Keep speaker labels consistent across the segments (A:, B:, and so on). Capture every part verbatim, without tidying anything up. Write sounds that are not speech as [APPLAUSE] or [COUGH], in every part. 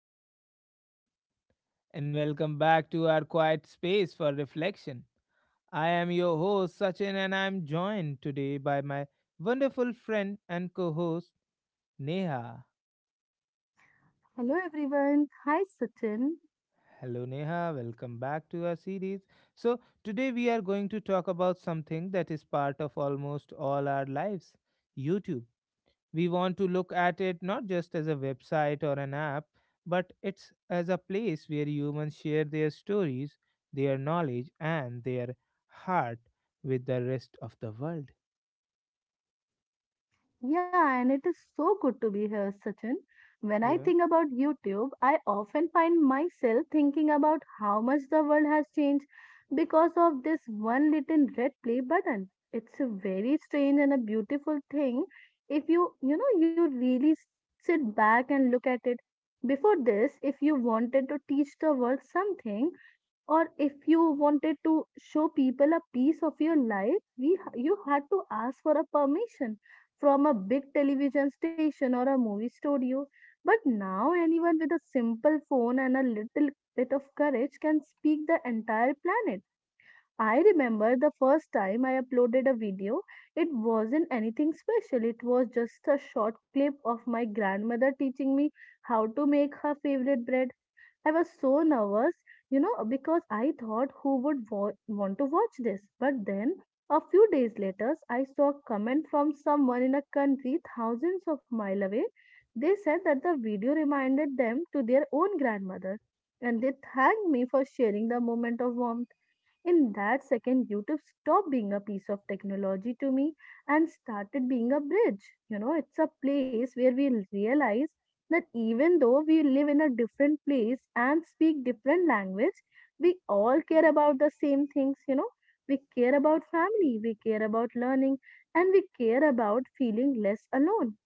A: Hello, everyone, and welcome back to our quiet space for reflection. I am your host, Sachin, and I am joined today by my wonderful friend and co host, Neha.
B: Hello everyone. Hi Sachin.
A: Hello, Neha, welcome back to our series. So, today we are going to talk about something that is part of almost all our lives, YouTube. We want to look at it not just as a website or an app, but it's as a place where humans share their stories, their knowledge, and their heart with the rest of the world.
B: Yeah, and it is so good to be here, Sachin. When I
A: Yeah.
B: think about YouTube, I often find myself thinking about how much the world has changed because of this one little red play button. It's a very strange and a beautiful thing if you, you know, you really s- sit back and look at it. Before this, if you wanted to teach the world something, or if you wanted to show people a piece of your life we you had to ask for a permission from a big television station or a movie studio. But now anyone with a simple phone and a little bit of courage can speak the entire planet. I remember the first time I uploaded a video. It wasn't anything special. It was just a short clip of my grandmother teaching me how to make her favorite bread. I was so nervous, you know, because I thought who would wa- want to watch this. But then, a few days later, I saw a comment from someone in a country thousands of miles away. They said that the video reminded them to their own grandmother, and they thanked me for sharing the moment of warmth. In that second, YouTube stopped being a piece of technology to me and started being a bridge. You know, it's a place where we realize that even though we live in a different place and speak different language, we all care about the same things, you know. We care about family, we care about learning, and we care about feeling less alone.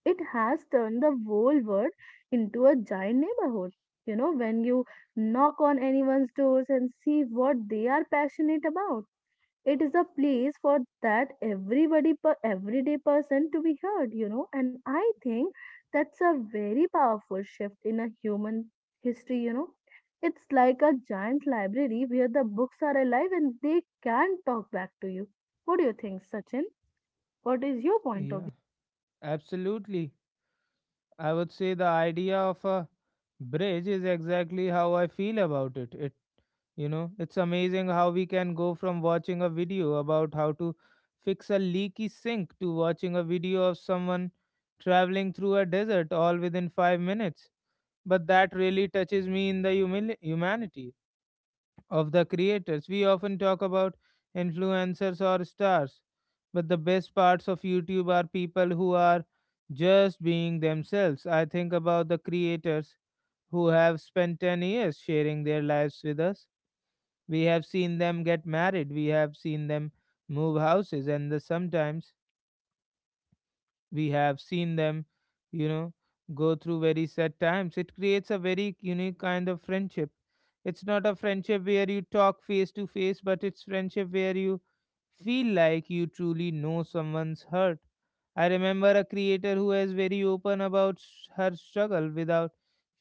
B: It has turned the whole world into a giant neighborhood. You know, when you knock on anyone's doors and see what they are passionate about, it is a place for that everybody, per- everyday person to be heard, you know. And I think that's a very powerful shift in a human history, you know. It's like a giant library where the books are alive and they can talk back to you. What do you think, Sachin? What is your point of view?
A: Yeah, absolutely. I would say the idea of a bridge is exactly how I feel about it. It you know, it's amazing how we can go from watching a video about how to fix a leaky sink to watching a video of someone traveling through a desert, all within five minutes. But that really touches me in the humili- humanity of the creators. We often talk about influencers or stars, but the best parts of YouTube are people who are just being themselves. I think about the creators who have spent ten years sharing their lives with us. We have seen them get married, we have seen them move houses, and the sometimes we have seen them you know go through very sad times. It creates a very unique kind of friendship. It's not a friendship where you talk face to face, but it's friendship where you feel like you truly know someone's hurt. I remember a creator who was very open about s- her struggle without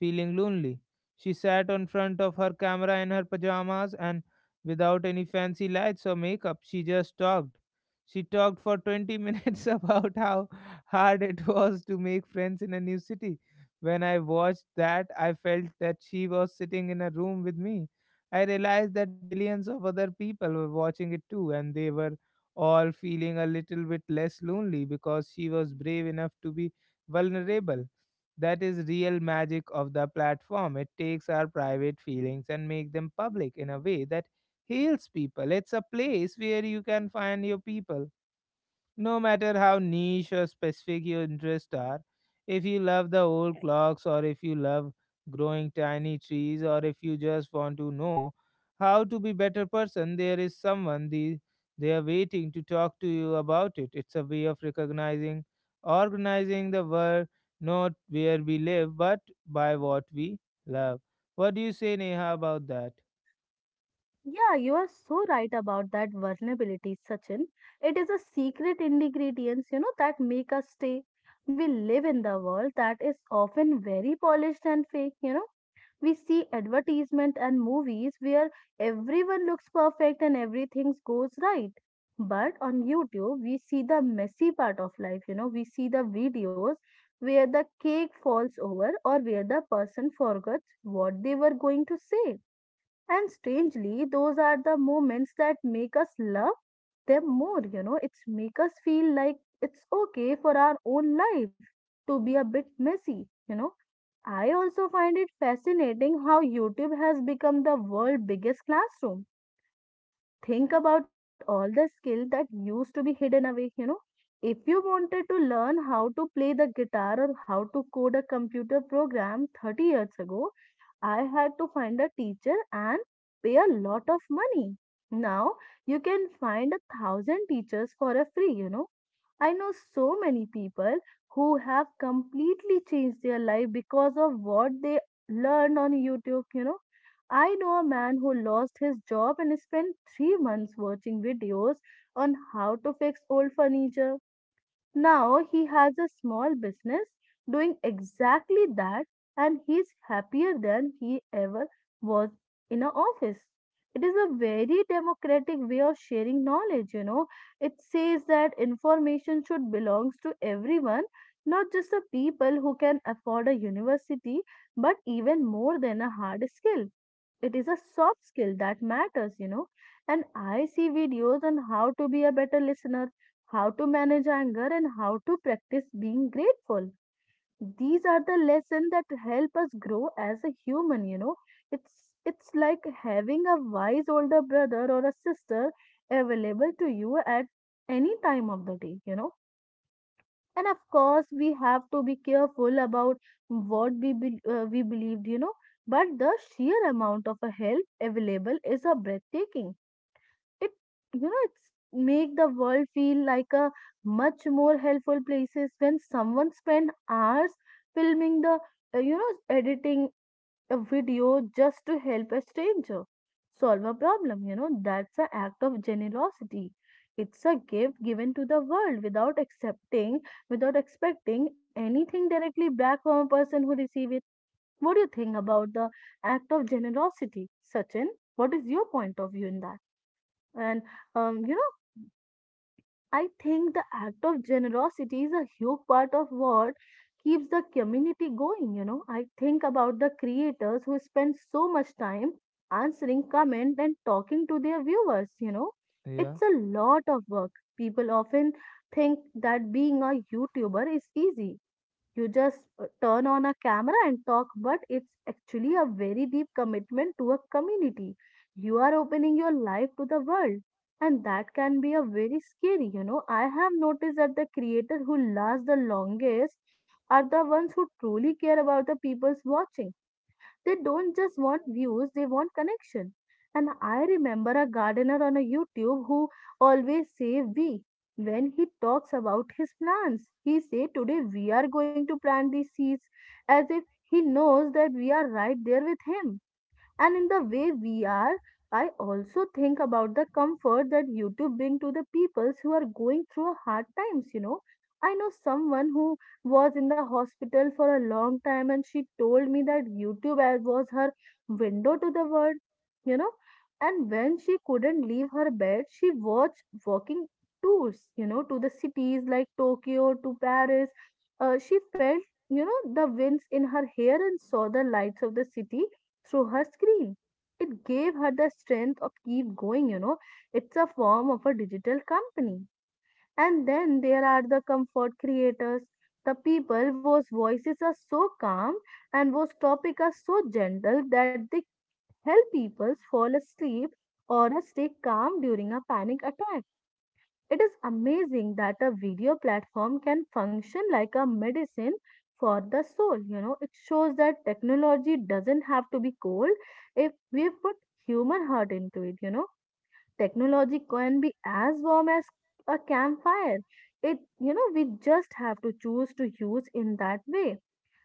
A: feeling lonely. She sat on front of her camera in her pajamas, and without any fancy lights or makeup, she just talked. She talked for twenty minutes [LAUGHS] about how hard it was to make friends in a new city. When I watched that, I felt that she was sitting in a room with me. I realized that millions of other people were watching it too, and they were all feeling a little bit less lonely because she was brave enough to be vulnerable. That is real magic of the platform. It takes our private feelings and make them public in a way that heals people. It's a place where you can find your people no matter how niche or specific your interests are. If you love the old clocks, or if you love growing tiny trees, or if you just want to know how to be better person, there is someone the, they are waiting to talk to you about it. It's a way of recognizing, organizing the world, not where we live, but by what we love. What do you say, Neha, about that?
B: Yeah, you are so right about that vulnerability, Sachin. It is a secret ingredients, you know, that make us stay. We live in the world that is often very polished and fake, you know. We see advertisement and movies where everyone looks perfect and everything goes right. But on YouTube, we see the messy part of life, you know. We see the videos where the cake falls over or where the person forgets what they were going to say, and strangely, those are the moments that make us love them more, you know, it's make us feel like it's okay for our own life to be a bit messy, you know. I also find it fascinating how YouTube has become the world's biggest classroom. Think about all the skill that used to be hidden away, you know. If you wanted to learn how to play the guitar or how to code a computer program thirty years ago, I had to find a teacher and pay a lot of money. Now you can find a thousand teachers for a free, you know. I know so many people who have completely changed their life because of what they learned on YouTube, you know. I know a man who lost his job and spent three months watching videos on how to fix old furniture. Now he has a small business doing exactly that, and he's happier than he ever was in an office. It is a very democratic way of sharing knowledge, you know. It says that information should belongs to everyone, not just the people who can afford a university, but even more than a hard skill, it is a soft skill that matters, you know. And I see videos on how to be a better listener, how to manage anger, and how to practice being grateful. These are the lessons that help us grow as a human, you know. It's it's like having a wise older brother or a sister available to you at any time of the day, you know. And of course we have to be careful about what we be, uh, we believed, you know, but the sheer amount of a help available is a breathtaking. It, you know, it's make the world feel like a much more helpful places when someone spend hours filming the uh, you know editing a video just to help a stranger solve a problem. You know, that's an act of generosity. It's a gift given to the world without accepting, without expecting anything directly back from a person who receives it. What do you think about the act of generosity, Sachin? What is your point of view in that? And um, you know. I think the act of generosity is a huge part of what keeps the community going. You know, I think about the creators who spend so much time answering comment and talking to their viewers. You know,
A: Yeah,
B: it's a lot of work. People often think that being a YouTuber is easy. You just uh, turn on a camera and talk, but it's actually a very deep commitment to a community. You are opening your life to the world and that can be a very scary. You know, I have noticed that the creators who last the longest are the ones who truly care about the people's watching. They don't just want views, they want connection. And I remember a gardener on a YouTube who always say we, when he talks about his plants he say today we are going to plant these seeds, as if he knows that we are right there with him. And in the way we are. I also think about the comfort that YouTube bring to the peoples who are going through a hard times, you know. I know someone who was in the hospital for a long time and she told me that YouTube as was her window to the world, you know, and when she couldn't leave her bed she watched walking tours, you know, to the cities like Tokyo to Paris. Uh, she felt, you know, the winds in her hair and saw the lights of the city through her screen. It gave her the strength of keep going, you know. It's a form of a digital company. And then there are the comfort creators, the people whose voices are so calm and whose topic are so gentle that they help people fall asleep or stay calm during a panic attack. It is amazing that a video platform can function like a medicine for the soul. You know, it shows that technology doesn't have to be cold if we put human heart into it. You know, technology can be as warm as a campfire. It, you know, we just have to choose to use in that way.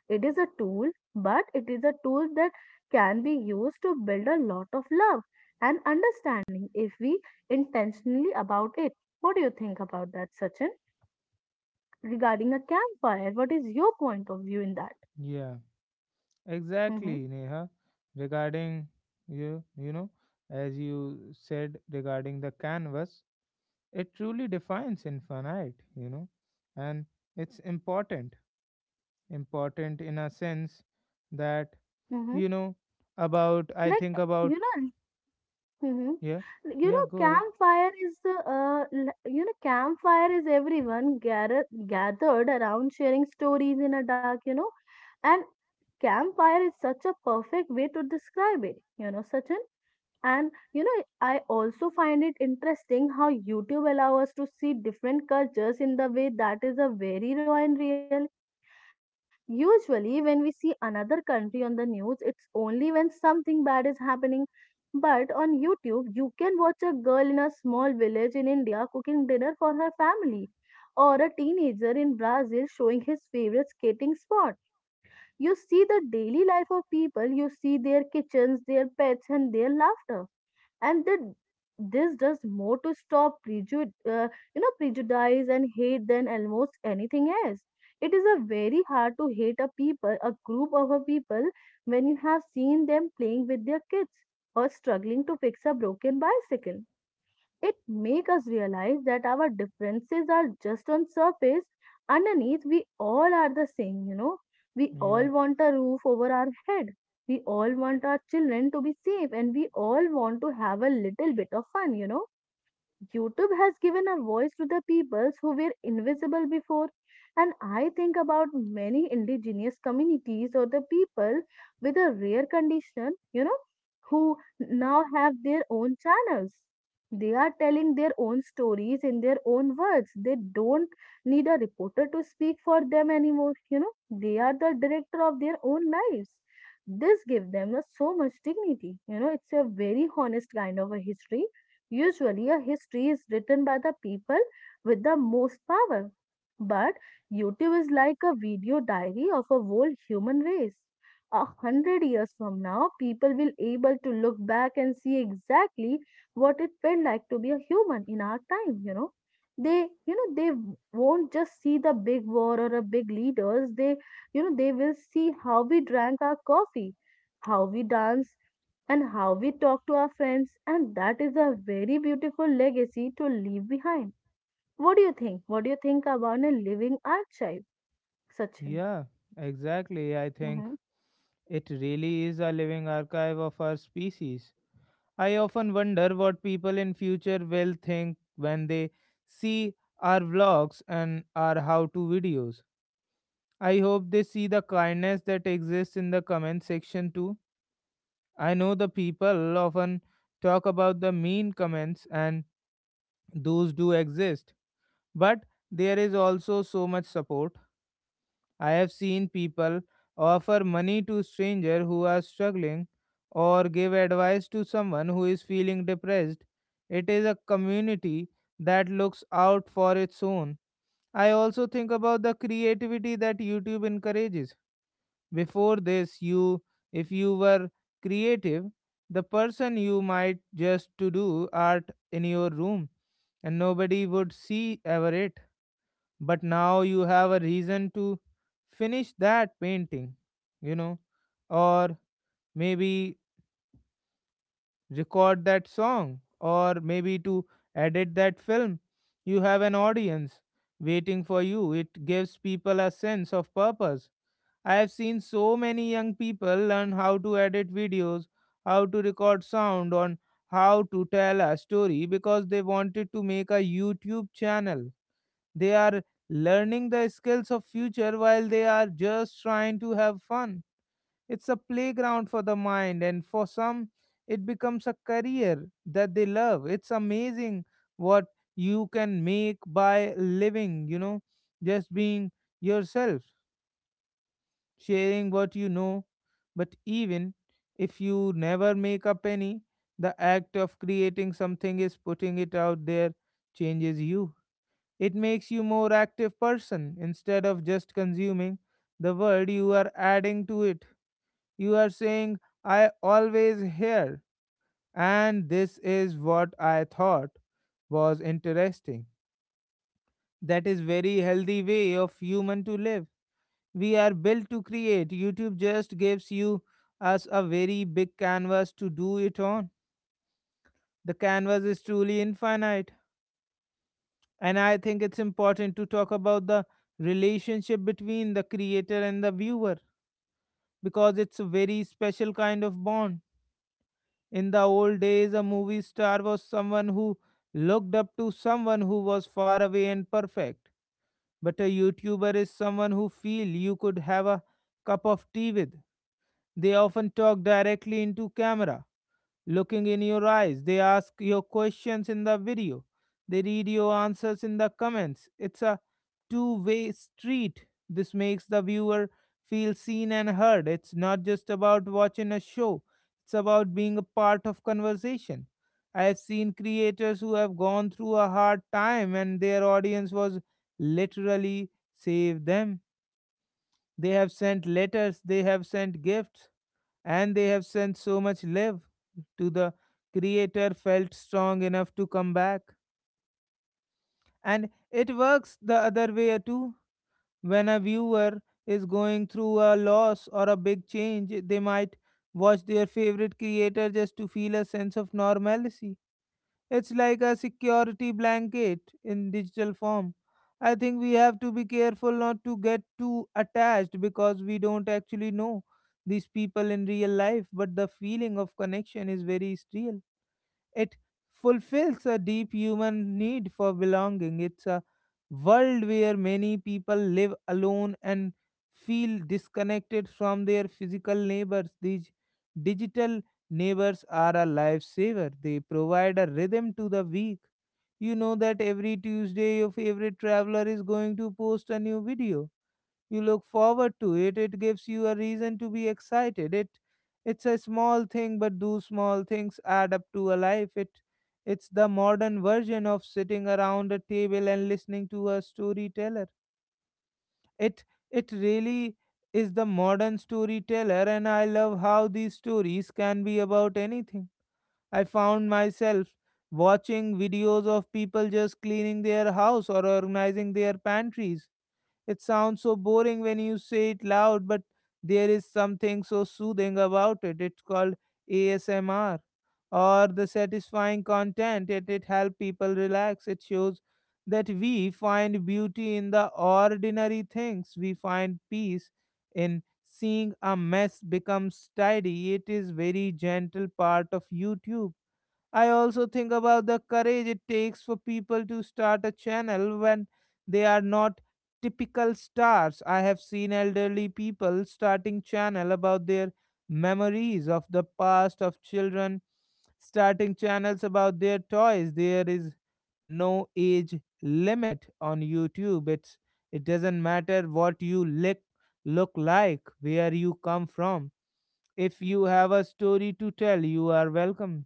B: It is a tool, but it is a tool that can be used to build a lot of love and understanding if we intentionally about it. What do you think about that, Sachin? Regarding a campfire, what is your point of view in that?
A: yeah,
B: Mm-hmm.
A: exactly, Neha. Regarding you, you know, as you said regarding the canvas, it truly defines infinite, you know, and it's important, important in a sense that,
B: Mm-hmm.
A: you know, about. I think
B: Like, you
A: about,
B: know, hmm.
A: yeah,
B: You
A: yeah.
B: know,
A: Go ahead.
B: campfire is the uh, l- you know, campfire is everyone gather, gathered around sharing stories in a dark, you know, and campfire is such a perfect way to describe it, you know, Sachin. And you know, I also find it interesting how YouTube allows us to see different cultures in the way that is a very raw and real. Usually, when we see another country on the news, it's only when something bad is happening, but on YouTube, you can watch a girl in a small village in India cooking dinner for her family, or a teenager in Brazil showing his favorite skating spot. You see the daily life of people, you see their kitchens, their pets, and their laughter, and that this does more to stop prejud- uh, you know prejudice and hate than almost anything else. It is a very hard to hate a people, a group of a people, when you have seen them playing with their kids or struggling to fix a broken bicycle. It makes us realize that our differences are just on surface. Underneath, we all are the same, you know. We all
A: Yeah,
B: want a roof over our head. We all want our children to be safe and we all want to have a little bit of fun, you know. YouTube has given a voice to the peoples who were invisible before. And I think about many indigenous communities or the people with a rare condition, you know, who now have their own channels. They are telling their own stories in their own words. They don't need a reporter to speak for them anymore, you know. They are the director of their own lives. This gives them a so much dignity. You know, it's a very honest kind of a history. Usually, a history is written by the people with the most power. But YouTube is like a video diary of a whole human race. A hundred years from now, people will able to look back and see exactly what it felt like to be a human in our time, you know. They, you know, they won't just see the big war or a big leaders. They, you know, they will see how we drank our coffee, how we dance and how we talk to our friends, and that is a very beautiful legacy to leave behind. What do you think? What do you think about a living archive, Sachin?
A: yeah, exactly. I think
B: Mm-hmm.
A: it really is a living archive of our species. I often wonder what people in future will think when they see our vlogs and our how-to videos. I hope they see the kindness that exists in the comment section too. I know the people often talk about the mean comments, and those do exist, but there is also so much support. I have seen people offer money to strangers who are struggling, or give advice to someone who is feeling depressed. It is a community that looks out for its own. I also think about the creativity that YouTube encourages. Before this, you if you were creative, the person you might just to do art in your room and nobody would see ever it. But now you have a reason to finish that painting, you know, or maybe record that song, or maybe to edit that film. You have an audience waiting for you. It gives people a sense of purpose. I have seen so many young people learn how to edit videos, how to record sound on, how to tell a story because they wanted to make a YouTube channel. They are learning the skills of future while they are just trying to have fun. It's a playground for the mind, and for some it becomes a career that they love. It's amazing what you can make by living, you know, just being yourself, sharing what you know. But even if you never make a penny, the act of creating something is putting it out there changes you. It makes you more active person. Instead of just consuming the world, you are adding to it. You are saying I always hear, and this is what I thought was interesting. That is very healthy way of human to live. We are built to create. YouTube just gives you us a very big canvas to do it on. The canvas is truly infinite. And I think it's important to talk about the relationship between the creator and the viewer, because it's a very special kind of bond. In the old days, a movie star was someone who looked up to someone who was far away and perfect, but a YouTuber is someone who feel you could have a cup of tea with. They often talk directly into camera, looking in your eyes. They ask your questions in the video, they read your answers in the comments. It's a two way street. This makes the viewer feel seen and heard. It's not just about watching a show, it's about being a part of conversation. I have seen creators who have gone through a hard time, and their audience was literally save them. They have sent letters, they have sent gifts, and they have sent so much love to the creator felt strong enough to come back. And it works the other way too. When a viewer is going through a loss or a big change, they might watch their favorite creator just to feel a sense of normalcy. It's like a security blanket in digital form. I think we have to be careful not to get too attached, because we don't actually know these people in real life, but the feeling of connection is very real. It fulfills a deep human need for belonging. It's a world where many people live alone and feel disconnected from their physical neighbors. These digital neighbors are a lifesaver. They provide a rhythm to the week. You know that every Tuesday your favorite traveler is going to post a new video. You look forward to it. It gives you a reason to be excited. It it's a small thing, but those small things add up to a life. It it's the modern version of sitting around a table and listening to a storyteller. it it really is the modern storyteller. And I love how these stories can be about anything. I found myself watching videos of people just cleaning their house or organizing their pantries. It sounds so boring when you say it loud, but there is something so soothing about it. It's called A S M R, or the satisfying content, and it helps people relax. It shows that we find beauty in the ordinary things. We find peace in seeing a mess becomes tidy. It is very gentle part of YouTube. I also think about the courage it takes for people to start a channel when they are not typical stars. I have seen elderly people starting channel about their memories of the past, of children starting channels about their toys. There is no age limit on YouTube. It's it doesn't matter what you lick, look like, where you come from. If you have a story to tell, you are welcome.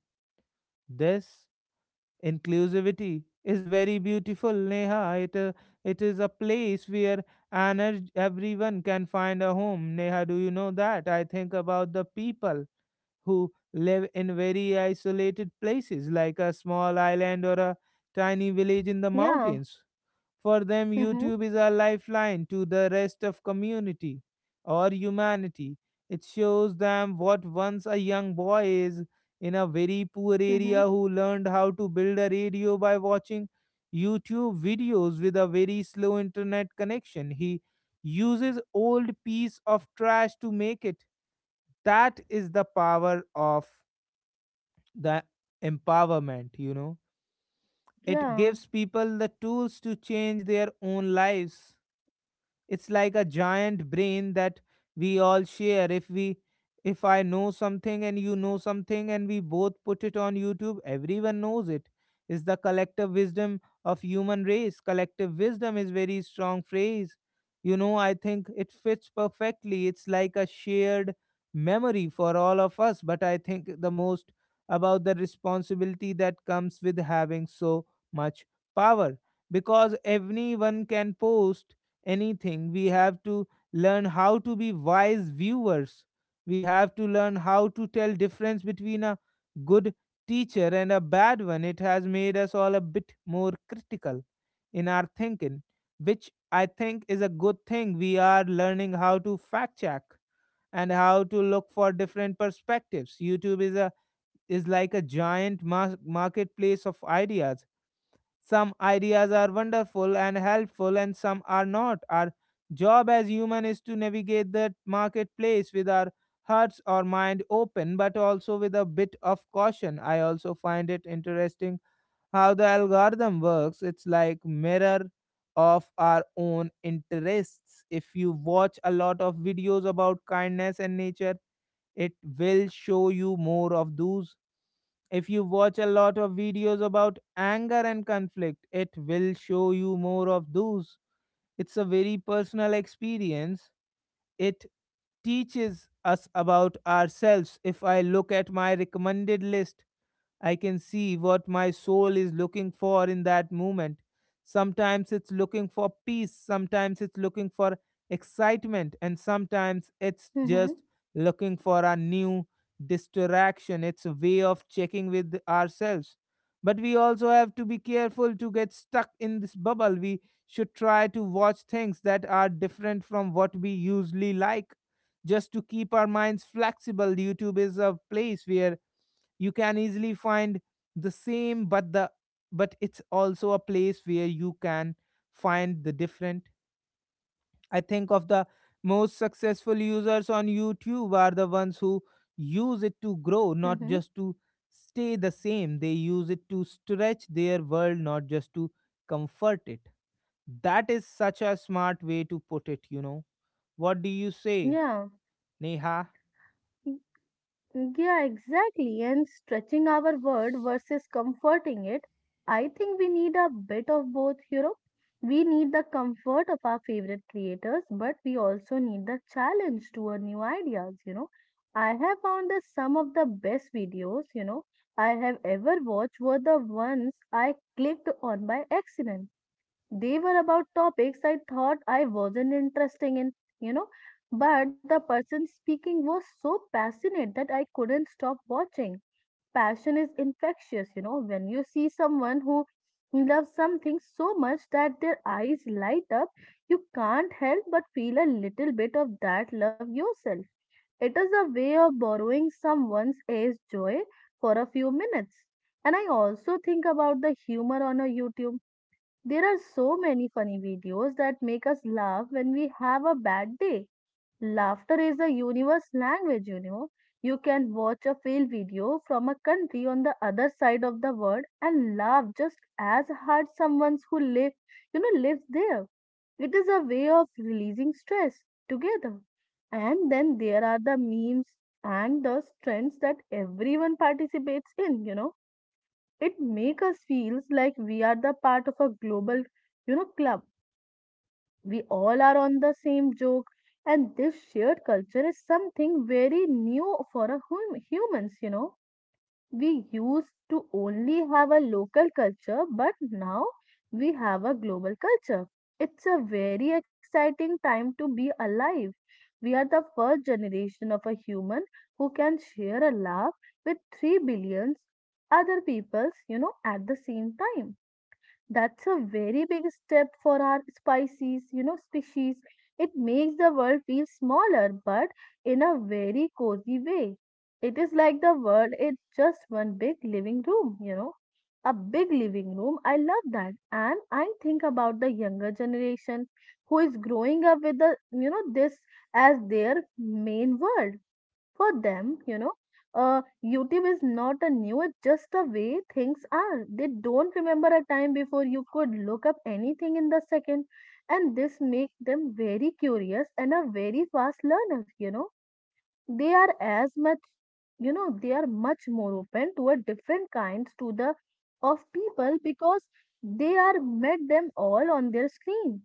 A: This inclusivity is very beautiful, Neha. It, uh, it is a place where energ- everyone can find a home. Neha, do you know that? I think about the people who live in very isolated places, like a small island or a tiny village in the
B: Yeah.
A: mountains. For them,
B: Mm-hmm.
A: YouTube is a lifeline to the rest of community or humanity. It shows them what once a young boy is in a very poor
B: Mm-hmm.
A: area who learned how to build a radio by watching YouTube videos with a very slow internet connection. He uses old piece of trash to make it. That is the power of the empowerment, you know. It
B: Yeah.
A: gives people the tools to change their own lives. It's like a giant brain that we all share. If we if I know something and you know something and we both put it on YouTube, everyone knows. It's the collective wisdom of human race. Collective wisdom is very strong phrase. You know, I think it fits perfectly. It's like a shared memory for all of us, but I think the most about the responsibility that comes with having so much power, because everyone can post anything. We have to learn how to be wise viewers. We have to learn how to tell difference between a good teacher and a bad one. It has made us all a bit more critical in our thinking, which I think is a good thing. We are learning how to fact check and how to look for different perspectives. YouTube is a is like a giant mar- marketplace of ideas. Some ideas are wonderful and helpful, and some are not. Our job as human is to navigate that marketplace with our hearts or mind open, but also with a bit of caution. I also find it interesting how the algorithm works. It's like mirror of our own interests. If you watch a lot of videos about kindness and nature, it will show you more of those. If you watch a lot of videos about anger and conflict, it will show you more of those. It's a very personal experience. It teaches us about ourselves. If I look at my recommended list, I can see what my soul is looking for in that moment. Sometimes it's looking for peace, sometimes it's looking for excitement, and sometimes it's
B: Mm-hmm.
A: just looking for a new distraction. It's a way of checking with ourselves. But we also have to be careful to get stuck in this bubble. We should try to watch things that are different from what we usually like, just to keep our minds flexible. YouTube is a place where you can easily find the same, but the but it's also a place where you can find the different. I think of the most successful users on YouTube are the ones who use it to grow, not
B: Mm-hmm.
A: just to stay the same. They use it to stretch their world, not just to comfort it. That is such a smart way to put it. You know, what do you say,
B: Yeah.
A: Neha?
B: Yeah, exactly. And stretching our word versus comforting it, I think we need a bit of both, you know. We need the comfort of our favorite creators, but we also need the challenge to our new ideas, you know. I have found that some of the best videos, you know, I have ever watched were the ones I clicked on by accident. They were about topics I thought I wasn't interested in, you know, but the person speaking was so passionate that I couldn't stop watching. Passion is infectious, you know, when you see someone who loves something so much that their eyes light up, you can't help but feel a little bit of that love yourself. It is a way of borrowing someone's age joy for a few minutes. And I also think about the humor on a YouTube. There are so many funny videos that make us laugh when we have a bad day. Laughter is the universe language, you know. You can watch a fail video from a country on the other side of the world and laugh just as hard someone who live, you know, lives there. It is a way of releasing stress together. And then there are the memes and the trends that everyone participates in, you know. It makes us feels like we are the part of a global, you know, club. We all are on the same joke, and this shared culture is something very new for a hum- humans, you know. We used to only have a local culture, but now we have a global culture. It's a very exciting time to be alive. We are the first generation of a human who can share a laugh with 3 billion other peoples, you know, at the same time. That's a very big step for our species, you know, species. It makes the world feel smaller, but in a very cozy way. It is like the world is just one big living room, you know. A big living room. I love that. And I think about the younger generation who is growing up with the, you know, this as their main world for them, you know. uh, YouTube is not a new, it's just the way things are. They don't remember a time before you could look up anything in the second. And this makes them very curious and a very fast learner, you know. They are as much, you know, they are much more open to a different kinds to the of people because they are met them all on their screen.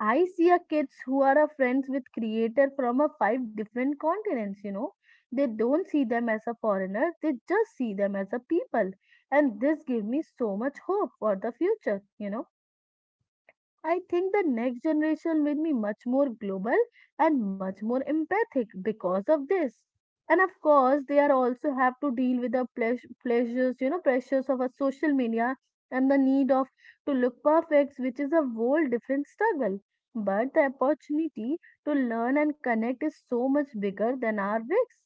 B: I see a kids who are a friends with creator from a five different continents, you know. They don't see them as a foreigner, they just see them as a people. And this give me so much hope for the future, you know. I think the next generation will be much more global and much more empathic because of this. And of course, they are also have to deal with the pleas- pleasures, you know, pressures of a social media and the need of to look perfect, which is a whole different struggle. But the opportunity to learn and connect is so much bigger than our risks.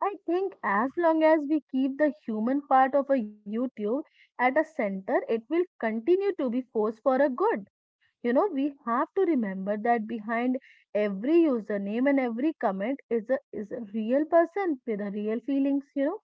B: I think as long as we keep the human part of a YouTube at a center, it will continue to be force for a good, you know. We have to remember that behind every username and every comment is a is a real person with a real feelings, you know.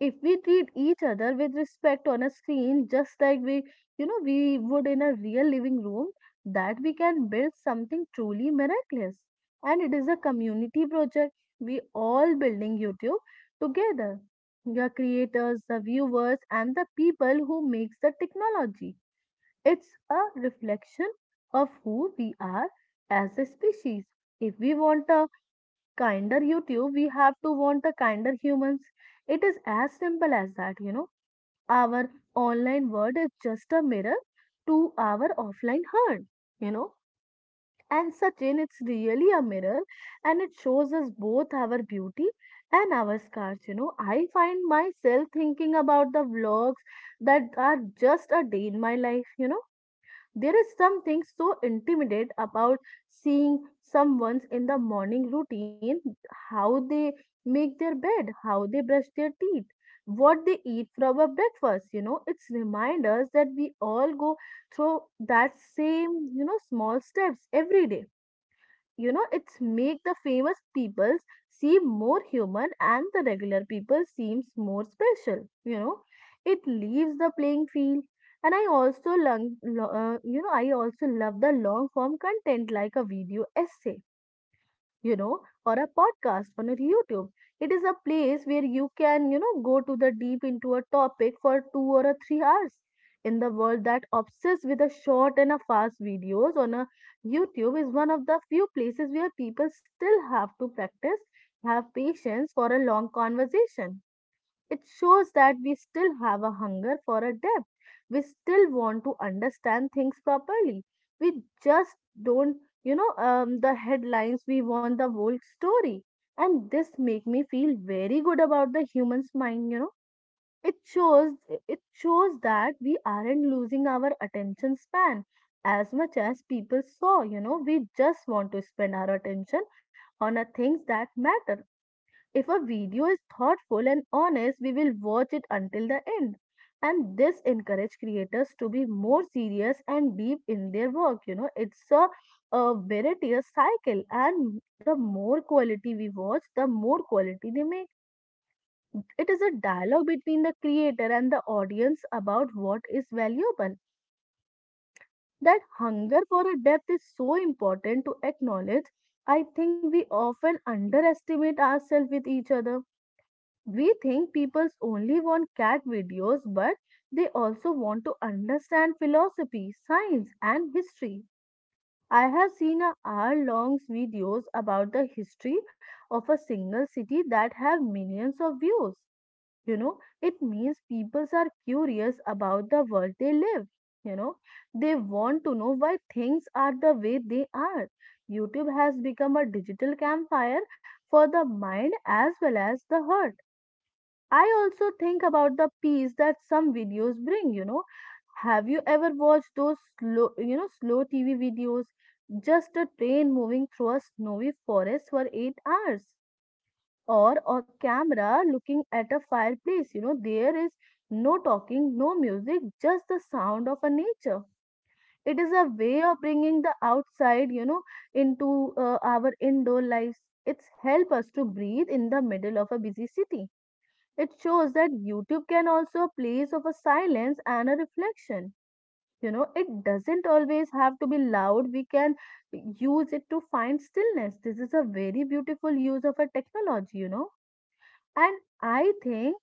B: If we treat each other with respect on a screen, just like we, you know, we would in a real living room, that we can build something truly miraculous. And it is a community project. We all building YouTube together. The creators, the viewers, and the people who makes the technology. It's a reflection of who we are as a species. If we want a kinder YouTube, we have to want a kinder humans. It is as simple as that, you know. Our online world is just a mirror to our offline heart, you know. And Sachin, it's really a mirror and it shows us both our beauty and our scars, you know. I find myself thinking about the vlogs that are just a day in my life, you know. There is something so intimate about seeing someone's in the morning routine, how they make their bed, how they brush their teeth, what they eat for our breakfast. You know, it's reminders that we all go through that same, you know, small steps every day. You know, it's make the famous people seem more human and the regular people seems more special, you know. It leaves the playing field. And I also long, lo- uh, you know I also love the long form content like a video essay, you know, or a podcast on a YouTube. It is a place where you can, you know, go to the deep into a topic for two or a three hours. In the world that obsessed with a short and a fast videos on a YouTube is one of the few places where people still have to practice, have patience for a long conversation. It shows that we still have a hunger for a depth. We still want to understand things properly. We just don't, you know, um, the headlines. We want the whole story, and this make me feel very good about the human's mind. You know, it shows it shows that we aren't losing our attention span as much as people saw. You know, we just want to spend our attention on a things that matter. If a video is thoughtful and honest, we will watch it until the end. And this encourage creators to be more serious and deep in their work. You know, it's a, a variety, cycle, and the more quality we watch, the more quality they make. It is a dialogue between the creator and the audience about what is valuable. That hunger for a depth is so important to acknowledge. I think we often underestimate ourselves with each other. We think people only want cat videos, but they also want to understand philosophy, science, and history. I have seen a hour-long videos about the history of a single city that have millions of views. You know, it means people are curious about the world they live. You know, they want to know why things are the way they are. YouTube has become a digital campfire for the mind as well as the heart. I also think about the peace that some videos bring, you know. Have you ever watched those slow, you know, slow T V videos? Just a train moving through a snowy forest for eight hours, or a camera looking at a fireplace. You know, there is no talking, no music, just the sound of a nature. It is a way of bringing the outside, you know, into uh, our indoor lives. It's help us to breathe in the middle of a busy city. It shows that YouTube can also a place of a silence and a reflection. You know, it doesn't always have to be loud. We can use it to find stillness. This is a very beautiful use of a technology, you know. And I think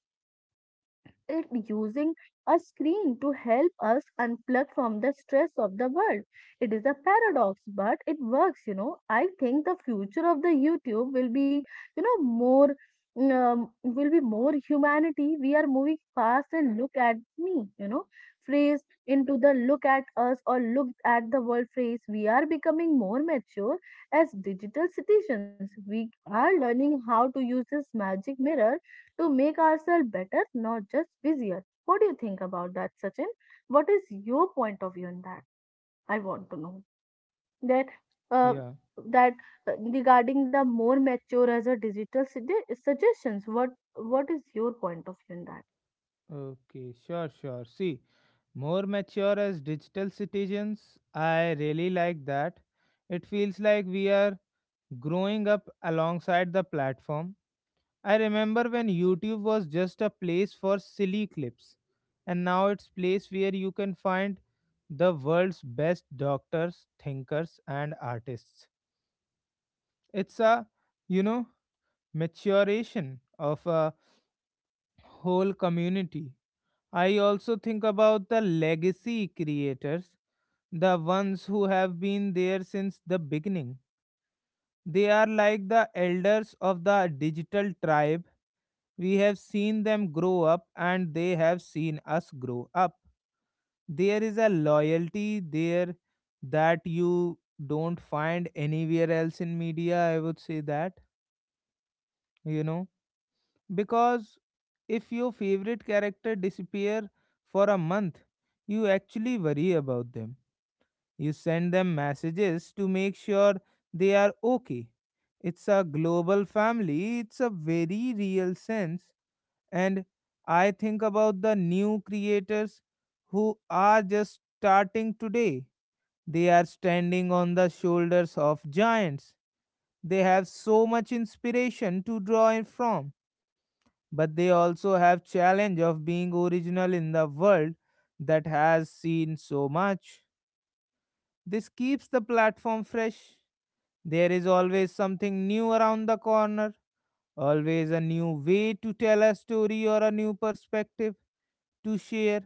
B: it using a screen to help us unplug from the stress of the world. It is a paradox, but it works, you know. I think the future of the YouTube will be, you know, more um, will be more humanity. We are moving fast and look at me, you know, phrase into the look at us or look at the world phrase. We are becoming more mature as digital citizens. We are learning how to use this magic mirror to make ourselves better, not just busier. What do you think about that, Sachin? What is your point of view on that? I want to know that uh,
A: Yeah.
B: that uh, regarding the more mature as a digital sugge- suggestions. What what is your point of view on that?
A: Okay, sure, sure. See, more mature as digital citizens, I really like that. It feels like we are growing up alongside the platform. I remember when YouTube was just a place for silly clips, and now it's place where you can find the world's best doctors, thinkers, and artists. It's a, you know, maturation of a whole community. I also think about the legacy creators, the ones who have been there since the beginning. They are like the elders of the digital tribe. We have seen them grow up and they have seen us grow up. There is a loyalty there that you don't find anywhere else in media, I would say that, you know, because if your favorite character disappear for a month, you actually worry about them. You send them messages to make sure they are okay. It's a global family, it's a very real sense. And I think about the new creators who are just starting today. They are standing on the shoulders of giants. They have so much inspiration to draw in from, but they also have challenge of being original in the world that has seen so much. This keeps the platform fresh. There is always something new around the corner, always a new way to tell a story or a new perspective to share.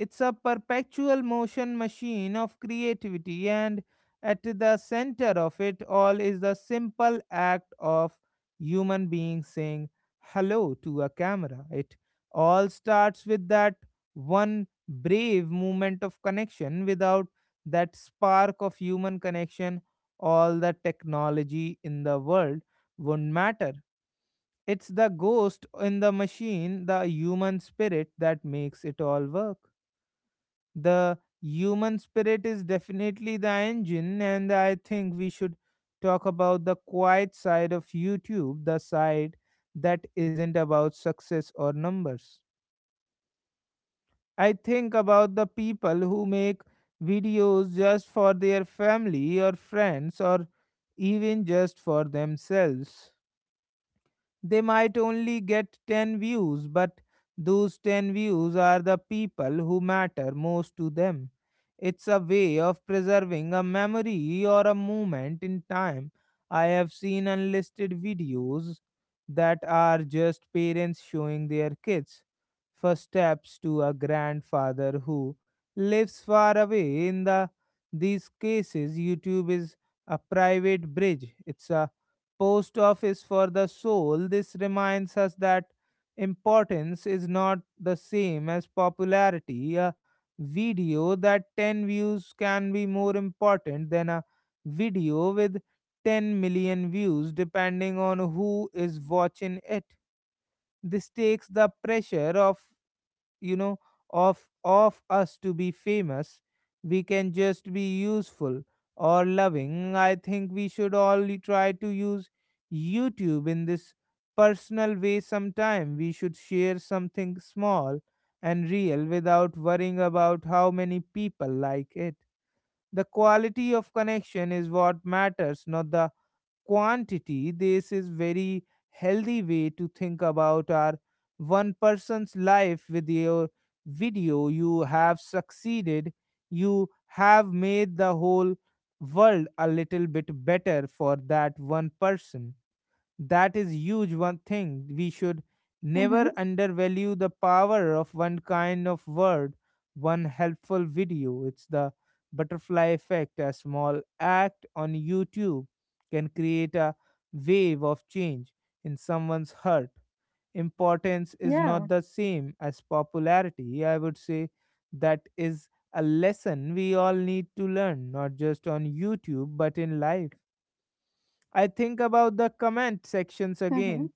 A: It's a perpetual motion machine of creativity, and at the center of it all is the simple act of human beings saying hello to a camera. It all starts with that one brave moment of connection. Without that spark of human connection, all the technology in the world wouldn't matter. It's the ghost in the machine, the human spirit that makes it all work. The human spirit is definitely the engine, and I think we should talk about the quiet side of YouTube, the side that isn't about success or numbers. I think about the people who make videos just for their family or friends or even just for themselves. They might only get ten views, but those ten views are the people who matter most to them. It's a way of preserving a memory or a moment in time. I have seen unlisted videos that are just parents showing their kids first steps to a grandfather who lives far away. In the these cases, YouTube is a private bridge. It's a post office for the soul. This reminds us that importance is not the same as popularity. A video that ten views can be more important than a video with 10 million views, depending on who is watching it. This takes the pressure off, you know, of of us to be famous. We can just be useful or loving. I think we should all try to use YouTube in this personal way sometime. We should share something small and real without worrying about how many people like it. The quality of connection is what matters, not the quantity. This is very healthy way to think about our one person's life with your video. You have succeeded. You have made the whole world a little bit better for that one person. That is huge. One thing we should
B: Mm-hmm.
A: never undervalue: the power of one kind of word, one helpful video. It's the butterfly effect. A small act on YouTube can create a wave of change in someone's heart. Importance is
B: Yeah.
A: not the same as popularity, I would say. That is a lesson we all need to learn, not just on YouTube but in life. I think about the comment sections
B: Mm-hmm.
A: again.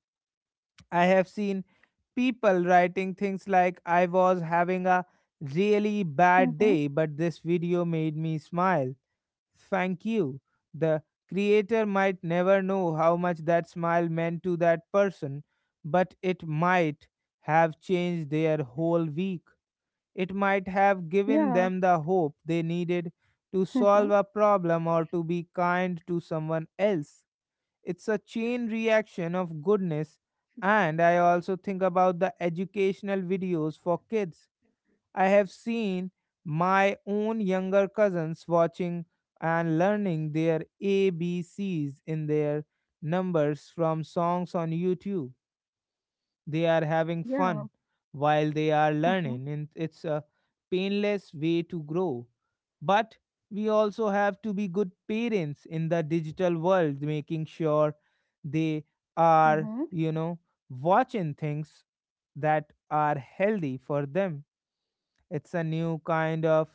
A: I have seen people writing things like, "I was having a really bad
B: Mm-hmm.
A: day, but this video made me smile. Thank you." The creator might never know how much that smile meant to that person, but it might have changed their whole week. It might have given
B: Yeah.
A: them the hope they needed to solve
B: Mm-hmm.
A: a problem or to be kind to someone else. It's a chain reaction of goodness. And I also think about the educational videos for kids. I have seen my own younger cousins watching and learning their A B Cs in their numbers from songs on YouTube. They are having
B: Yeah.
A: fun while they are
B: Mm-hmm.
A: learning, and it's a painless way to grow. But we also have to be good parents in the digital world, making sure they are,
B: Mm-hmm.
A: you know, watching things that are healthy for them. It's a new kind of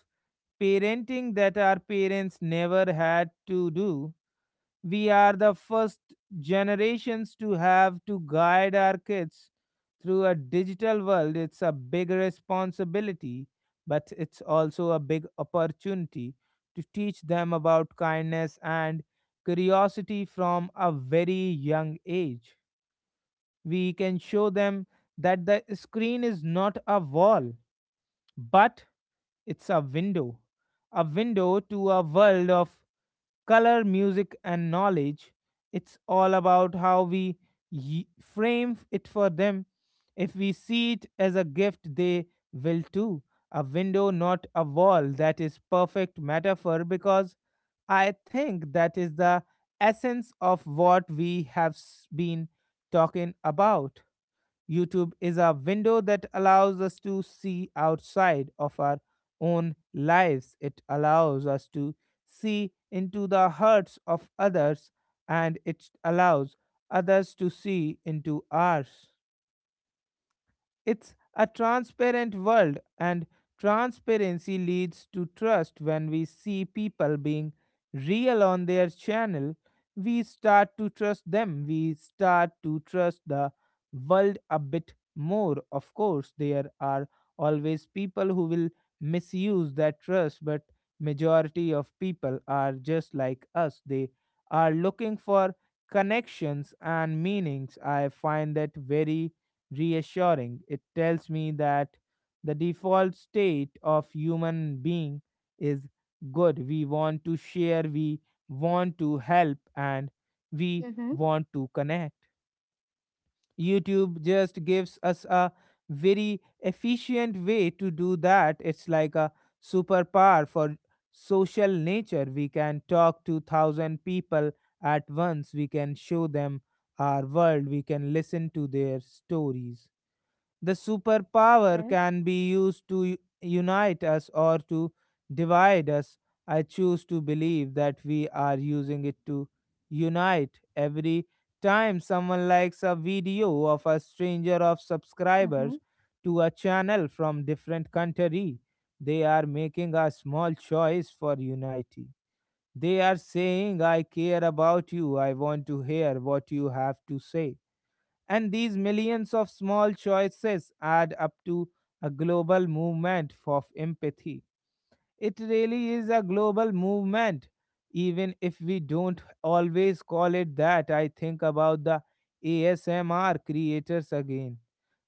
A: parenting that our parents never had to do. We are the first generations to have to guide our kids through a digital world. It's a big responsibility, but it's also a big opportunity to teach them about kindness and curiosity from a very young age. We can show them that the screen is not a wall, but it's a window, a window to a world of color, music, and knowledge. It's all about how we y- frame it for them. If we see it as a gift, they will too. A window, not a wall. That is perfect metaphor because I think that is the essence of what we have s- been talking about. YouTube is a window that allows us to see outside of our own lives. It allows us to see into the hearts of others, and it allows others to see into ours. It's a transparent world, and transparency leads to trust. When we see people being real on their channel, we start to trust them. We start to trust the world a bit more. Of course, there are always people who will misuse that trust, but majority of people are just like us. They are looking for connections and meanings. I find that very reassuring. It tells me that the default state of human being is good. We want to share, we want to help, and we
B: Mm-hmm.
A: want to connect. YouTube just gives us a very efficient way to do that. It's like a superpower for social nature. We can talk to thousand people at once. We can show them our world. We can listen to their stories. The
B: Okay.
A: superpower can be used to u- unite us or to divide us. I choose to believe that we are using it to unite. Every time someone likes a video of a stranger of
B: Mm-hmm.
A: subscribers to a channel from different country, they are making a small choice for unity. They are saying, "I care about you, I want to hear what you have to say." And these millions of small choices add up to a global movement for empathy. It really is a global movement, even if we don't always call it that. I think about the A S M R creators again.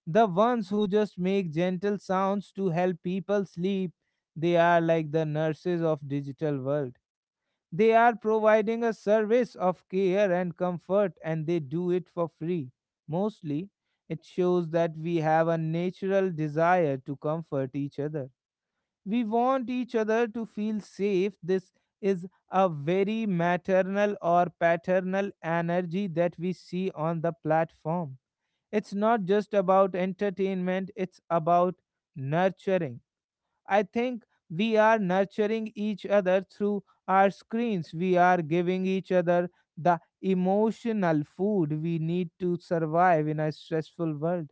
A: The ones who just make gentle sounds to help people sleep, they are like the nurses of digital world. They are providing a service of care and comfort, and they do it for free. Mostly, it shows that we have a natural desire to comfort each other. We want each other to feel safe. This is a very maternal or paternal energy that we see on the platform. It's not just about entertainment, it's about nurturing. I think we are nurturing each other through our screens. We are giving each other the emotional food we need to survive in a stressful world.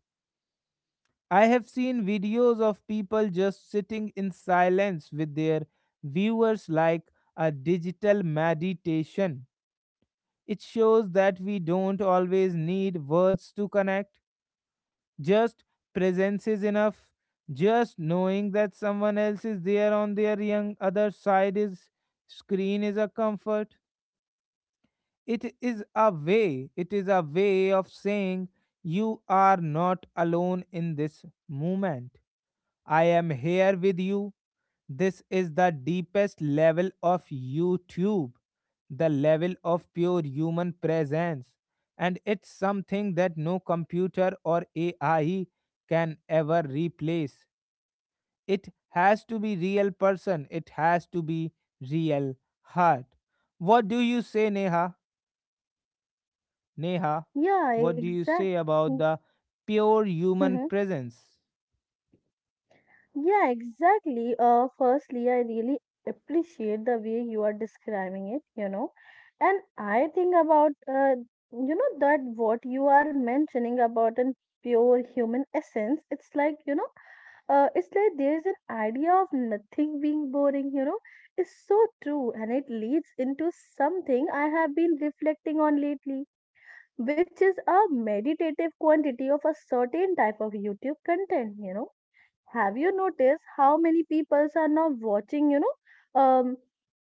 A: I have seen videos of people just sitting in silence with their viewers, like a digital meditation. It shows that we don't always need words to connect, just presence is enough. Just knowing that someone else is there on their young other side is screen is a comfort. It is a way. It is a way of saying you are not alone in this moment. I am here with you. This is the deepest level of YouTube, the level of pure human presence. And it's something that no computer or A I can ever replace. It has to be real person, it has to be real heart. What do you say, Neha? Neha,
B: Yeah.
A: what do you say
B: Exactly.
A: about the pure human presence?
B: Yeah, exactly. Uh, firstly, I really appreciate the way you are describing it, you know. And I think about, uh, you know, that what you are mentioning about an pure human essence, it's like, you know, uh, it's like there's an idea of nothing being boring, you know, is so true. And it leads into something I have been reflecting on lately, which is a meditative quantity of a certain type of YouTube content, you know, have you noticed how many people are now watching, you know, um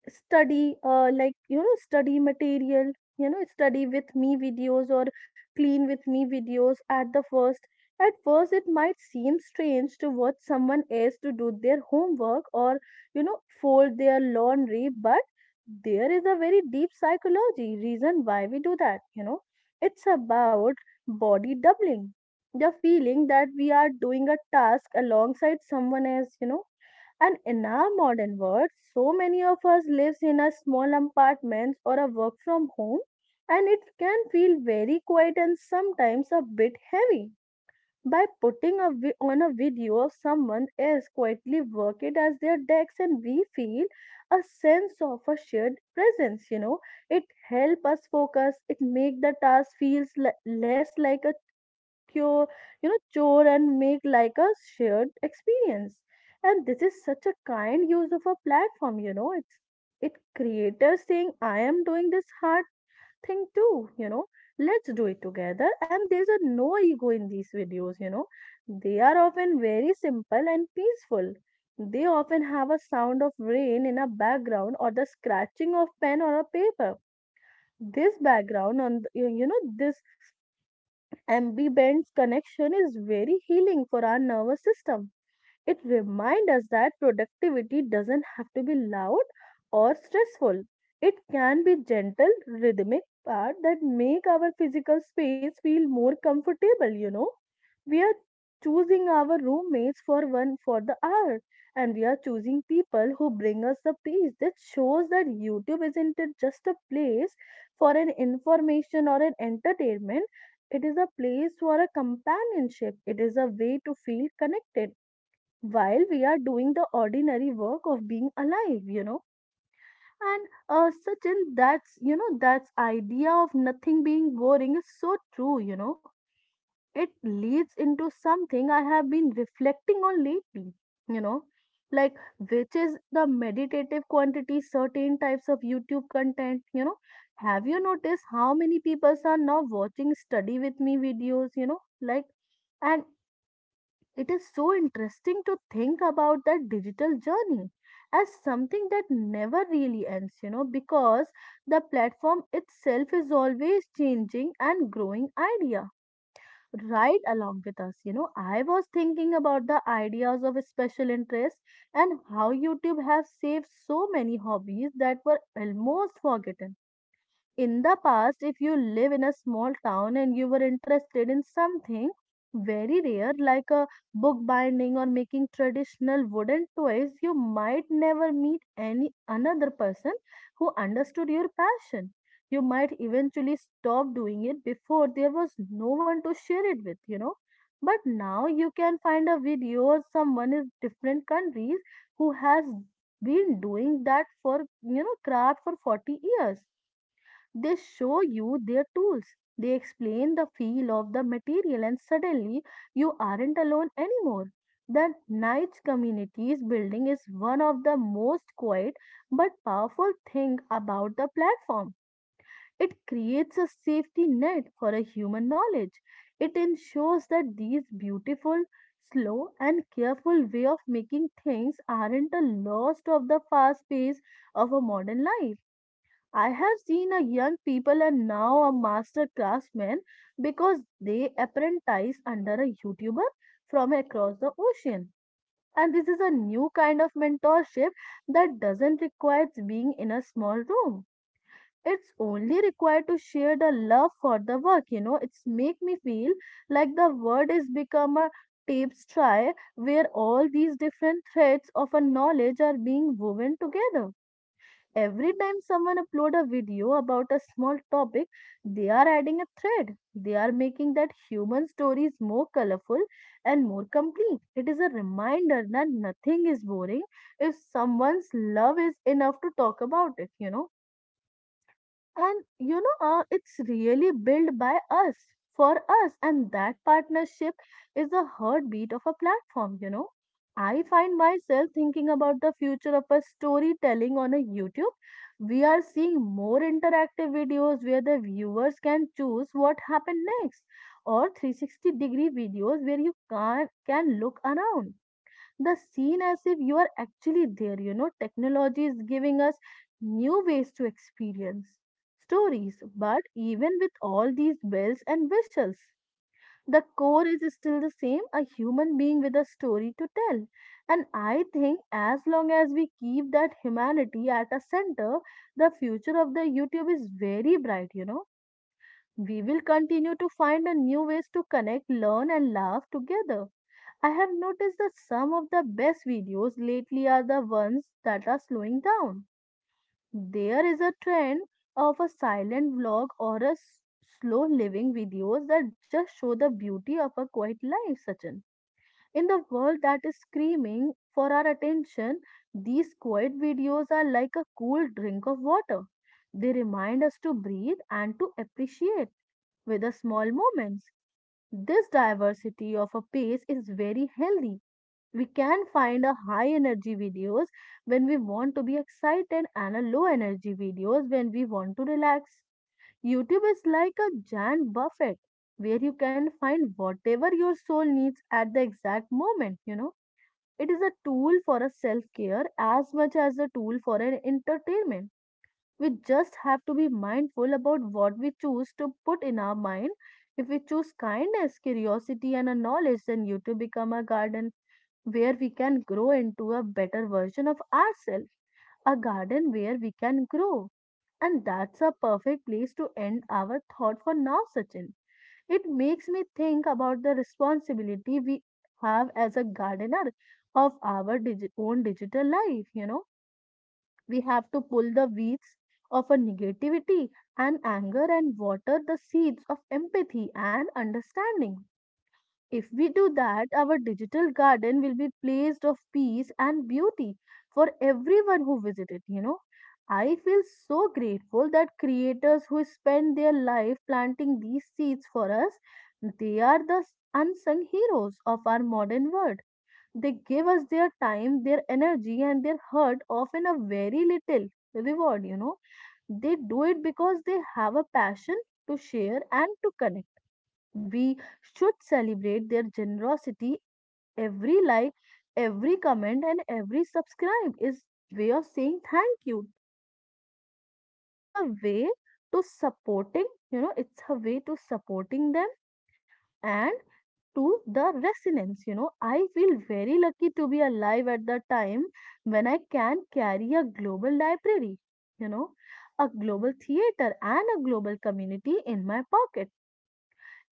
B: study, uh, like, you know, study material, you know, study with me videos or clean with me videos at the first at first it might seem strange to watch someone else to do their homework or, you know, fold their laundry, but there is a very deep psychology reason why we do that, you know. It's about body doubling, the feeling that we are doing a task alongside someone else, you know. And in our modern world so many of us lives in a small apartments or a work from home and it can feel very quiet and sometimes a bit heavy. By putting a vi- on a video of someone else quietly work it as their decks and we feel a sense of a shared presence, you know. It help us focus, it make the task feels le- less like a cure, you know, chore and make like a shared experience. And this is such a kind use of a platform, you know. It's it creators saying, I am doing this hard thing too, you know. Let's do it together. And there's a no ego in these videos, you know. They are often very simple and peaceful. They often have a sound of rain in a background or the scratching of pen or a paper. This background on the, you you know this Ambibend's connection is very healing for our nervous system. It reminds us that productivity doesn't have to be loud or stressful. It can be gentle, rhythmic part that make our physical space feel more comfortable, you know. We are choosing our roommates for one for the hour, and we are choosing people who bring us the peace. That shows that YouTube isn't it just a place for an information or an entertainment, it is a place for a companionship, it is a way to feel connected while we are doing the ordinary work of being alive, you know. And uh, Sachin, that's, you know, that's idea of nothing being boring is so true, you know. It leads into something I have been reflecting on lately, you know, like, which is the meditative quantity, certain types of YouTube content, you know. Have you noticed how many people are now watching study with me videos, you know, like, and it is so interesting to think about that digital journey as something that never really ends, you know, because the platform itself is always changing and growing idea right along with us. You know, I was thinking about the ideas of special interest and how YouTube have saved so many hobbies that were almost forgotten in the past. If you live in a small town and you were interested in something very rare like a book binding or making traditional wooden toys, you might never meet any another person who understood your passion. You might eventually stop doing it before there was no one to share it with, you know. But now you can find a video or someone in different countries who has been doing that for, you know, craft for forty years. They show you their tools. They explain the feel of the material, and suddenly you aren't alone anymore. The Knights Communities building is one of the most quiet but powerful thing about the platform. It creates a safety net for a human knowledge. It ensures that these beautiful, slow, and careful way of making things aren't a lost of the fast pace of a modern life. I have seen a young people and now a master craftsmen because they apprentice under a YouTuber from across the ocean. And this is a new kind of mentorship that doesn't require being in a small room. It's only required to share the love for the work, you know. It's make me feel like the world is become a tapestry where all these different threads of a knowledge are being woven together. Every time someone upload a video about a small topic, they are adding a thread. They are making that human stories more colorful and more complete. It is a reminder that nothing is boring if someone's love is enough to talk about it, you know. And you know, uh, it's really built by us, for us, and that partnership is the heartbeat of a platform, you know. I find myself thinking about the future of a storytelling on a YouTube. We are seeing more interactive videos where the viewers can choose what happened next, or three hundred sixty degree videos where you can can look around the scene as if you are actually there. You know, technology is giving us new ways to experience stories, but even with all these bells and whistles, the core is still the same, a human being with a story to tell. And I think as long as we keep that humanity at a center, the future of the YouTube is very bright, you know. We will continue to find a new ways to connect, learn, and laugh together. I have noticed that some of the best videos lately are the ones that are slowing down. There is a trend of a silent vlog or a s- slow living videos that just show the beauty of a quiet life, Sachin. In the world that is screaming for our attention, these quiet videos are like a cool drink of water. They remind us to breathe and to appreciate with the small moments. This diversity of a pace is very healthy. We can find a high energy videos when we want to be excited and a low energy videos when we want to relax. YouTube is like a giant buffet where you can find whatever your soul needs at the exact moment, you know. It is a tool for a self care as much as a tool for an entertainment. We just have to be mindful about what we choose to put in our mind. If we choose kindness, curiosity, and a knowledge, then YouTube become a garden where we can grow into a better version of ourselves, a garden where we can grow. And that's a perfect place to end our thought for now, Sachin. It makes me think about the responsibility we have as a gardener of our digi- own digital life. You know, we have to pull the weeds of a negativity and anger and water the seeds of empathy and understanding. If we do that, our digital garden will be placed of peace and beauty for everyone who visit it, you know. I feel so grateful that creators who spend their life planting these seeds for us, they are the unsung heroes of our modern world. They give us their time, their energy, and their heart, often a very little reward, you know. They do it because they have a passion to share and to connect. We should celebrate their generosity. Every like, every comment, and every subscribe is way of saying thank you. It's a way to supporting, you know, it's a way to supporting them and to the resonance. You know, I feel very lucky to be alive at the time when I can carry a global library, you know, a global theater, and a global community in my pocket.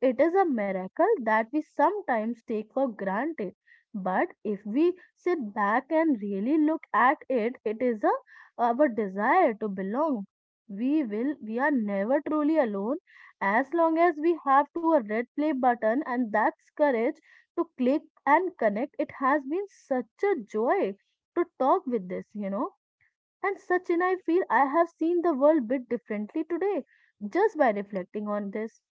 B: It is a miracle that we sometimes take for granted. But if we sit back and really look at it, it is a, our desire to belong. We will, we are never truly alone as long as we have to a red play button and that's courage to click and connect. It has been such a joy to talk with this, you know. And Sachin, I feel I have seen the world bit differently today just by reflecting on this.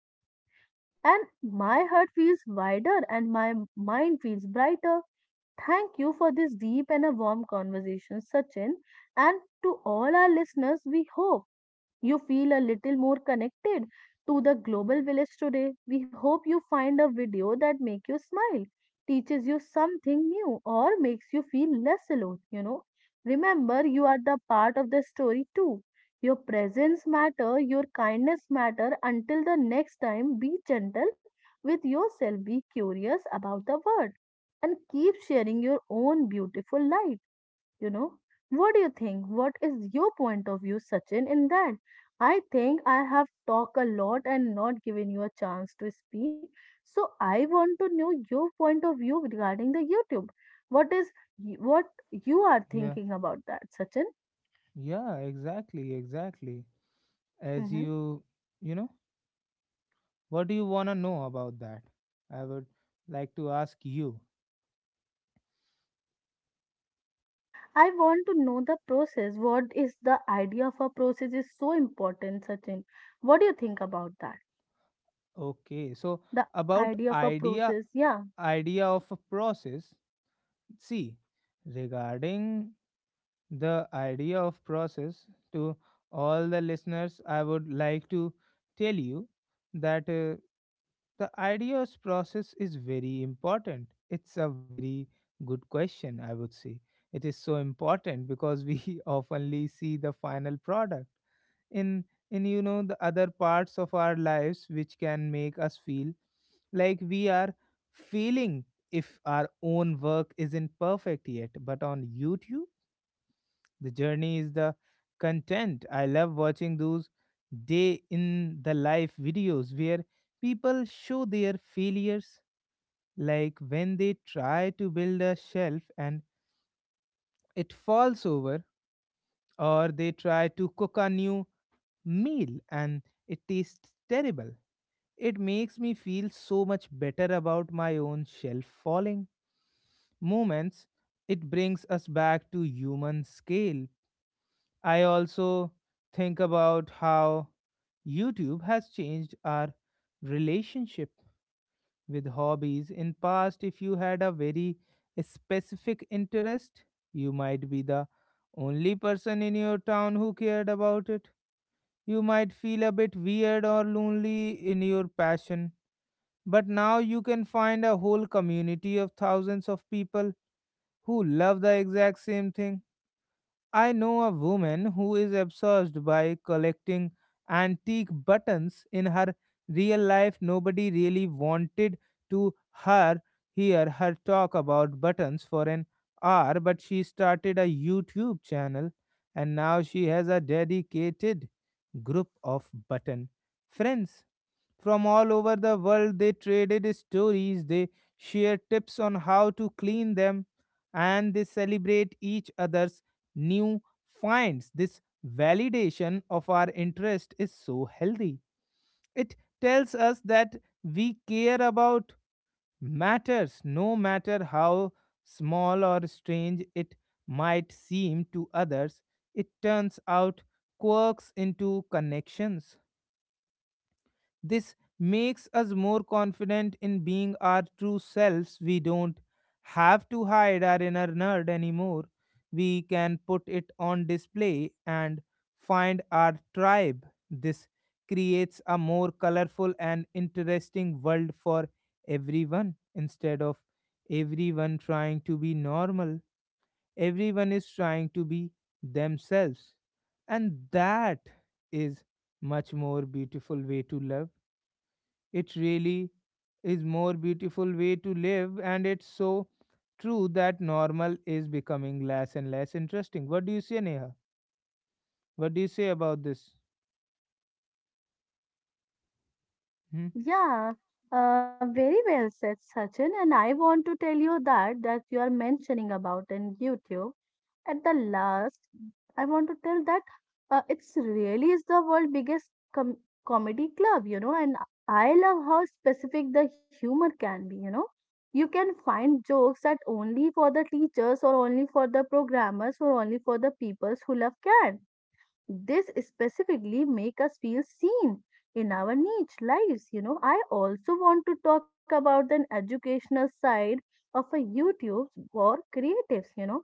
B: And my heart feels wider and my m- mind feels brighter. Thank you for this deep and a warm conversation, Sachin. And to all our listeners, we hope you feel a little more connected to the global village today. We hope you find a video that make you smile, teaches you something new, or makes you feel less alone, you know. Remember you are the part of the story too. Your presence matter, your kindness matter. Until the next time, be gentle with yourself, be curious about the world, and keep sharing your own beautiful light, you know. What do you think, what is your point of view, Sachin, in that? I think I have talked a lot and not given you a chance to speak, so I want to know your point of view regarding the YouTube. What is y- what you are
A: Yeah,
B: thinking about that, Sachin?
A: yeah, exactly, exactly. As
B: Hmm.
A: you, you know, what do you want to know about that? I would like to ask you.
B: I want to know the process. What is the idea of a process is so important, Sachin? What do you think about that?
A: Okay, so
B: The
A: about
B: idea of a
A: idea,
B: process, yeah.
A: idea of a process. See, regarding the idea of process to all the listeners, I would like to tell you that uh, the ideas process is very important. It's a very good question, I would say. It is so important because we [LAUGHS] oftenly see the final product in in you know the other parts of our lives, which can make us feel like we are feeling if our own work isn't perfect yet. But on YouTube the journey is the content. I love watching those day in the life videos where people show their failures, like when they try to build a shelf and it falls over, or they try to cook a new meal and it tastes terrible. It makes me feel so much better about my own shelf falling moments. It brings us back to human scale. I also think about how YouTube has changed our relationship with hobbies. In past, if you had a very specific interest, you might be the only person in your town who cared about it. You might feel a bit weird or lonely in your passion, but now you can find a whole community of thousands of people who love the exact same thing. I know a woman who is obsessed by collecting antique buttons in her real life. Nobody really wanted to her hear her talk about buttons for an hour, but she started a YouTube channel, and now she has a dedicated group of button friends from all over the world. They traded stories, they shared tips on how to clean them, and they celebrate each other's new finds. This validation of our interest is so healthy. It tells us that we care about matters, no matter how small or strange it might seem to others. It turns out quirks into connections. This makes us more confident in being our true selves. We don't have to hide our inner nerd anymore. We can put it on display and find our tribe. This creates a more colorful and interesting world for everyone. Instead of everyone trying to be normal, everyone is trying to be themselves. And that is much more beautiful way to love. It really is more beautiful way to live, and it's so true that normal is becoming less and less interesting. What do you say, Neha? What do you say about this? Hmm?
B: Yeah, uh, very well said, Sachin. And I want to tell you that that you are mentioning about in YouTube. At the last, I want to tell that uh, it's really is the world biggest com comedy club, you know. And I love how specific the humor can be, you know. You can find jokes that only for the teachers or only for the programmers or only for the peoples who love cats. This specifically make us feel seen in our niche lives, you know. I also want to talk about the educational side of a YouTube for creatives, you know.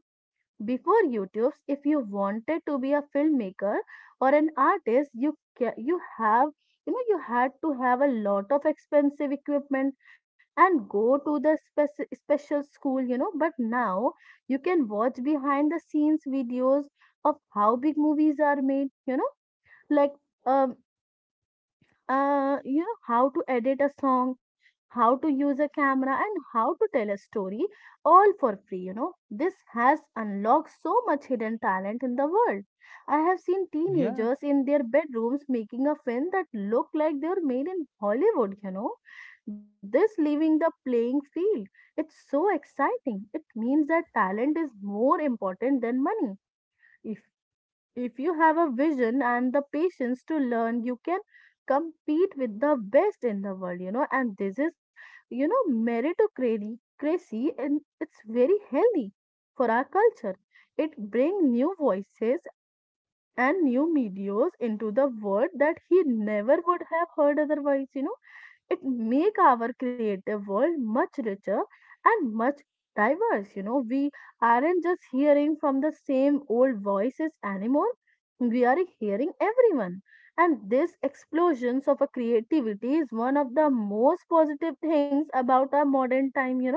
B: Before YouTube, if you wanted to be a filmmaker or an artist, you ca- you have, you know, you had to have a lot of expensive equipment and go to the spec- special school, you know. But now you can watch behind the scenes videos of how big movies are made, you know, like. Um, uh, you know, how to edit a song, how to use a camera, and how to tell a story, all for free. You know, this has unlocked so much hidden talent in the world. I have seen
A: Yeah,
B: teenagers in their bedrooms making a film that look like they were made in Hollywood, you know. This leaving the playing field, it's so exciting. It means that talent is more important than money. If if you have a vision and the patience to learn, you can compete with the best in the world, you know. And this is, you know, meritocracy, and it's very healthy for our culture. It brings new voices and new medias into the world that he never would have heard otherwise, you know. It make our creative world much richer and much diverse, you know. We aren't just hearing from the same old voices anymore, we are hearing everyone. And this explosions of a creativity is one of the most positive things about our modern time, you know.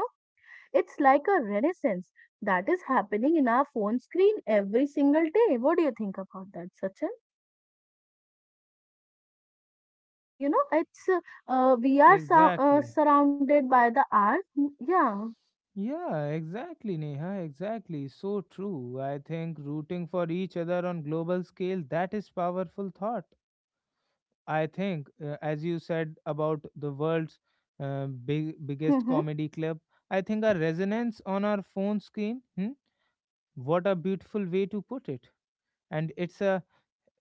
B: It's like a renaissance that is happening in our phone screen every single day. What do you think about that, Sachin? You know, it's uh, uh, we are sur- uh,
A: exactly.
B: surrounded by the art. Mm, yeah.
A: Yeah, exactly, Neha, exactly. So true. I think rooting for each other on global scale, that is powerful thought. I think, uh, as you said about the world's uh, big,
B: Mhm.
A: biggest comedy club, I think our resonance on our phone screen, hmm? What a beautiful way to put it. And it's a,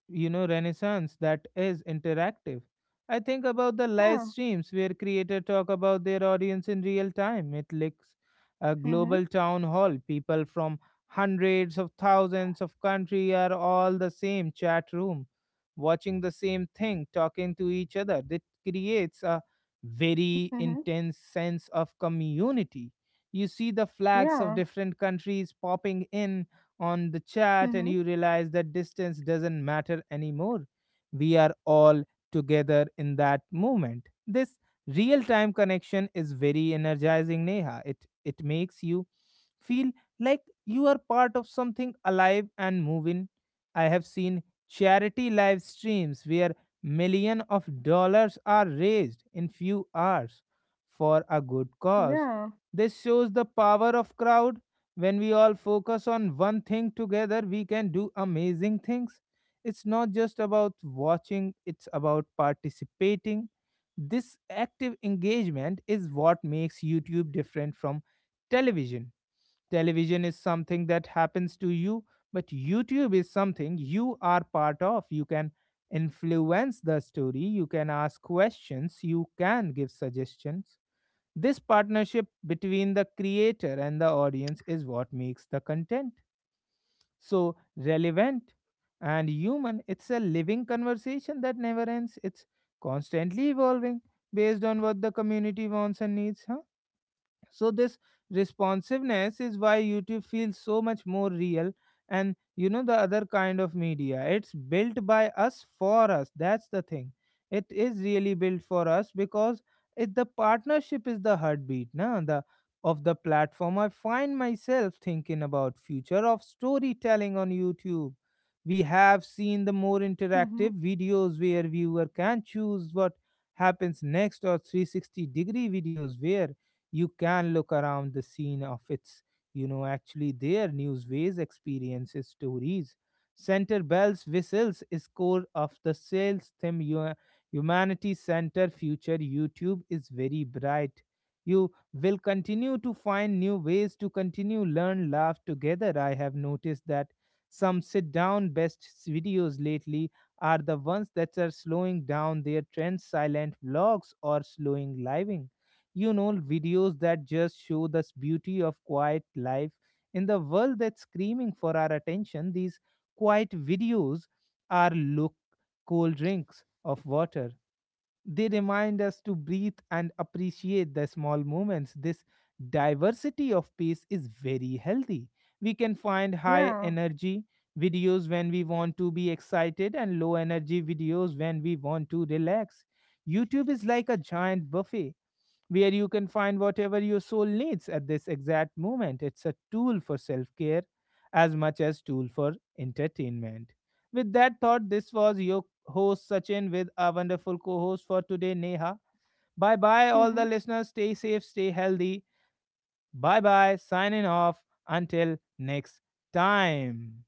A: you know, renaissance that is interactive. I think about the live
B: Yeah.
A: streams where creators talk about their audience in real time. It looks a
B: Mhm.
A: global town hall. People from hundreds of thousands of country are all the same chat room, watching the same thing, talking to each other. That creates a very
B: Mhm.
A: intense sense of community. You see the flags of
B: Yeah.
A: different countries popping in on the chat, and
B: Mhm.
A: you realize that distance doesn't matter anymore. We are all together in that moment. This real time connection is very energizing, Neha. It, it makes you feel like you are part of something alive and moving. I have seen charity live streams where million of dollars are raised in few hours for a good cause.
B: Yeah.
A: This shows the power of crowd. When we all focus on one thing together, we can do amazing things. It's not just about watching, it's about participating. This active engagement is what makes YouTube different from television. Television is something that happens to you, but YouTube is something you are part of. You can influence the story, you can ask questions, you can give suggestions. This partnership between the creator and the audience is what makes the content so relevant and human. It's a living conversation that never ends, it's constantly evolving based on what the community wants and needs. Huh? So this responsiveness is why YouTube feels so much more real. And you know, the other kind of media, it's built by us, for us, that's the thing. It is really built for us because it, the partnership, is the heartbeat, na, the of the platform. I find myself thinking about future of storytelling on YouTube. We have seen the more interactive
B: Mhm.
A: videos where viewer can choose what happens next, or three sixty degree videos where you can look around the scene of its, you know, actually their newsways, experiences, stories. Center bells, whistles, score of the sales theme, hu- humanity center future YouTube is very bright. You will continue to find new ways to continue learn, laugh together. I have noticed that some sit down best videos lately are the ones that are slowing down their trends, silent vlogs, or slowing living, you know, videos that just show the beauty of quiet life. In the world that's screaming for our attention, these quiet videos are look cold drinks of water. They remind us to breathe and appreciate the small moments. This diversity of pace is very healthy. We can find high
B: Yeah.
A: energy videos when we want to be excited, and low energy videos when we want to relax. YouTube is like a giant buffet where you can find whatever your soul needs at this exact moment. It's a tool for self care as much as tool for entertainment. With that thought, this was your host Sachin with our wonderful co-host for today, Neha. Bye bye, all the
B: Mhm.
A: listeners. Stay safe, stay healthy. Bye bye. Signing off. Until next time.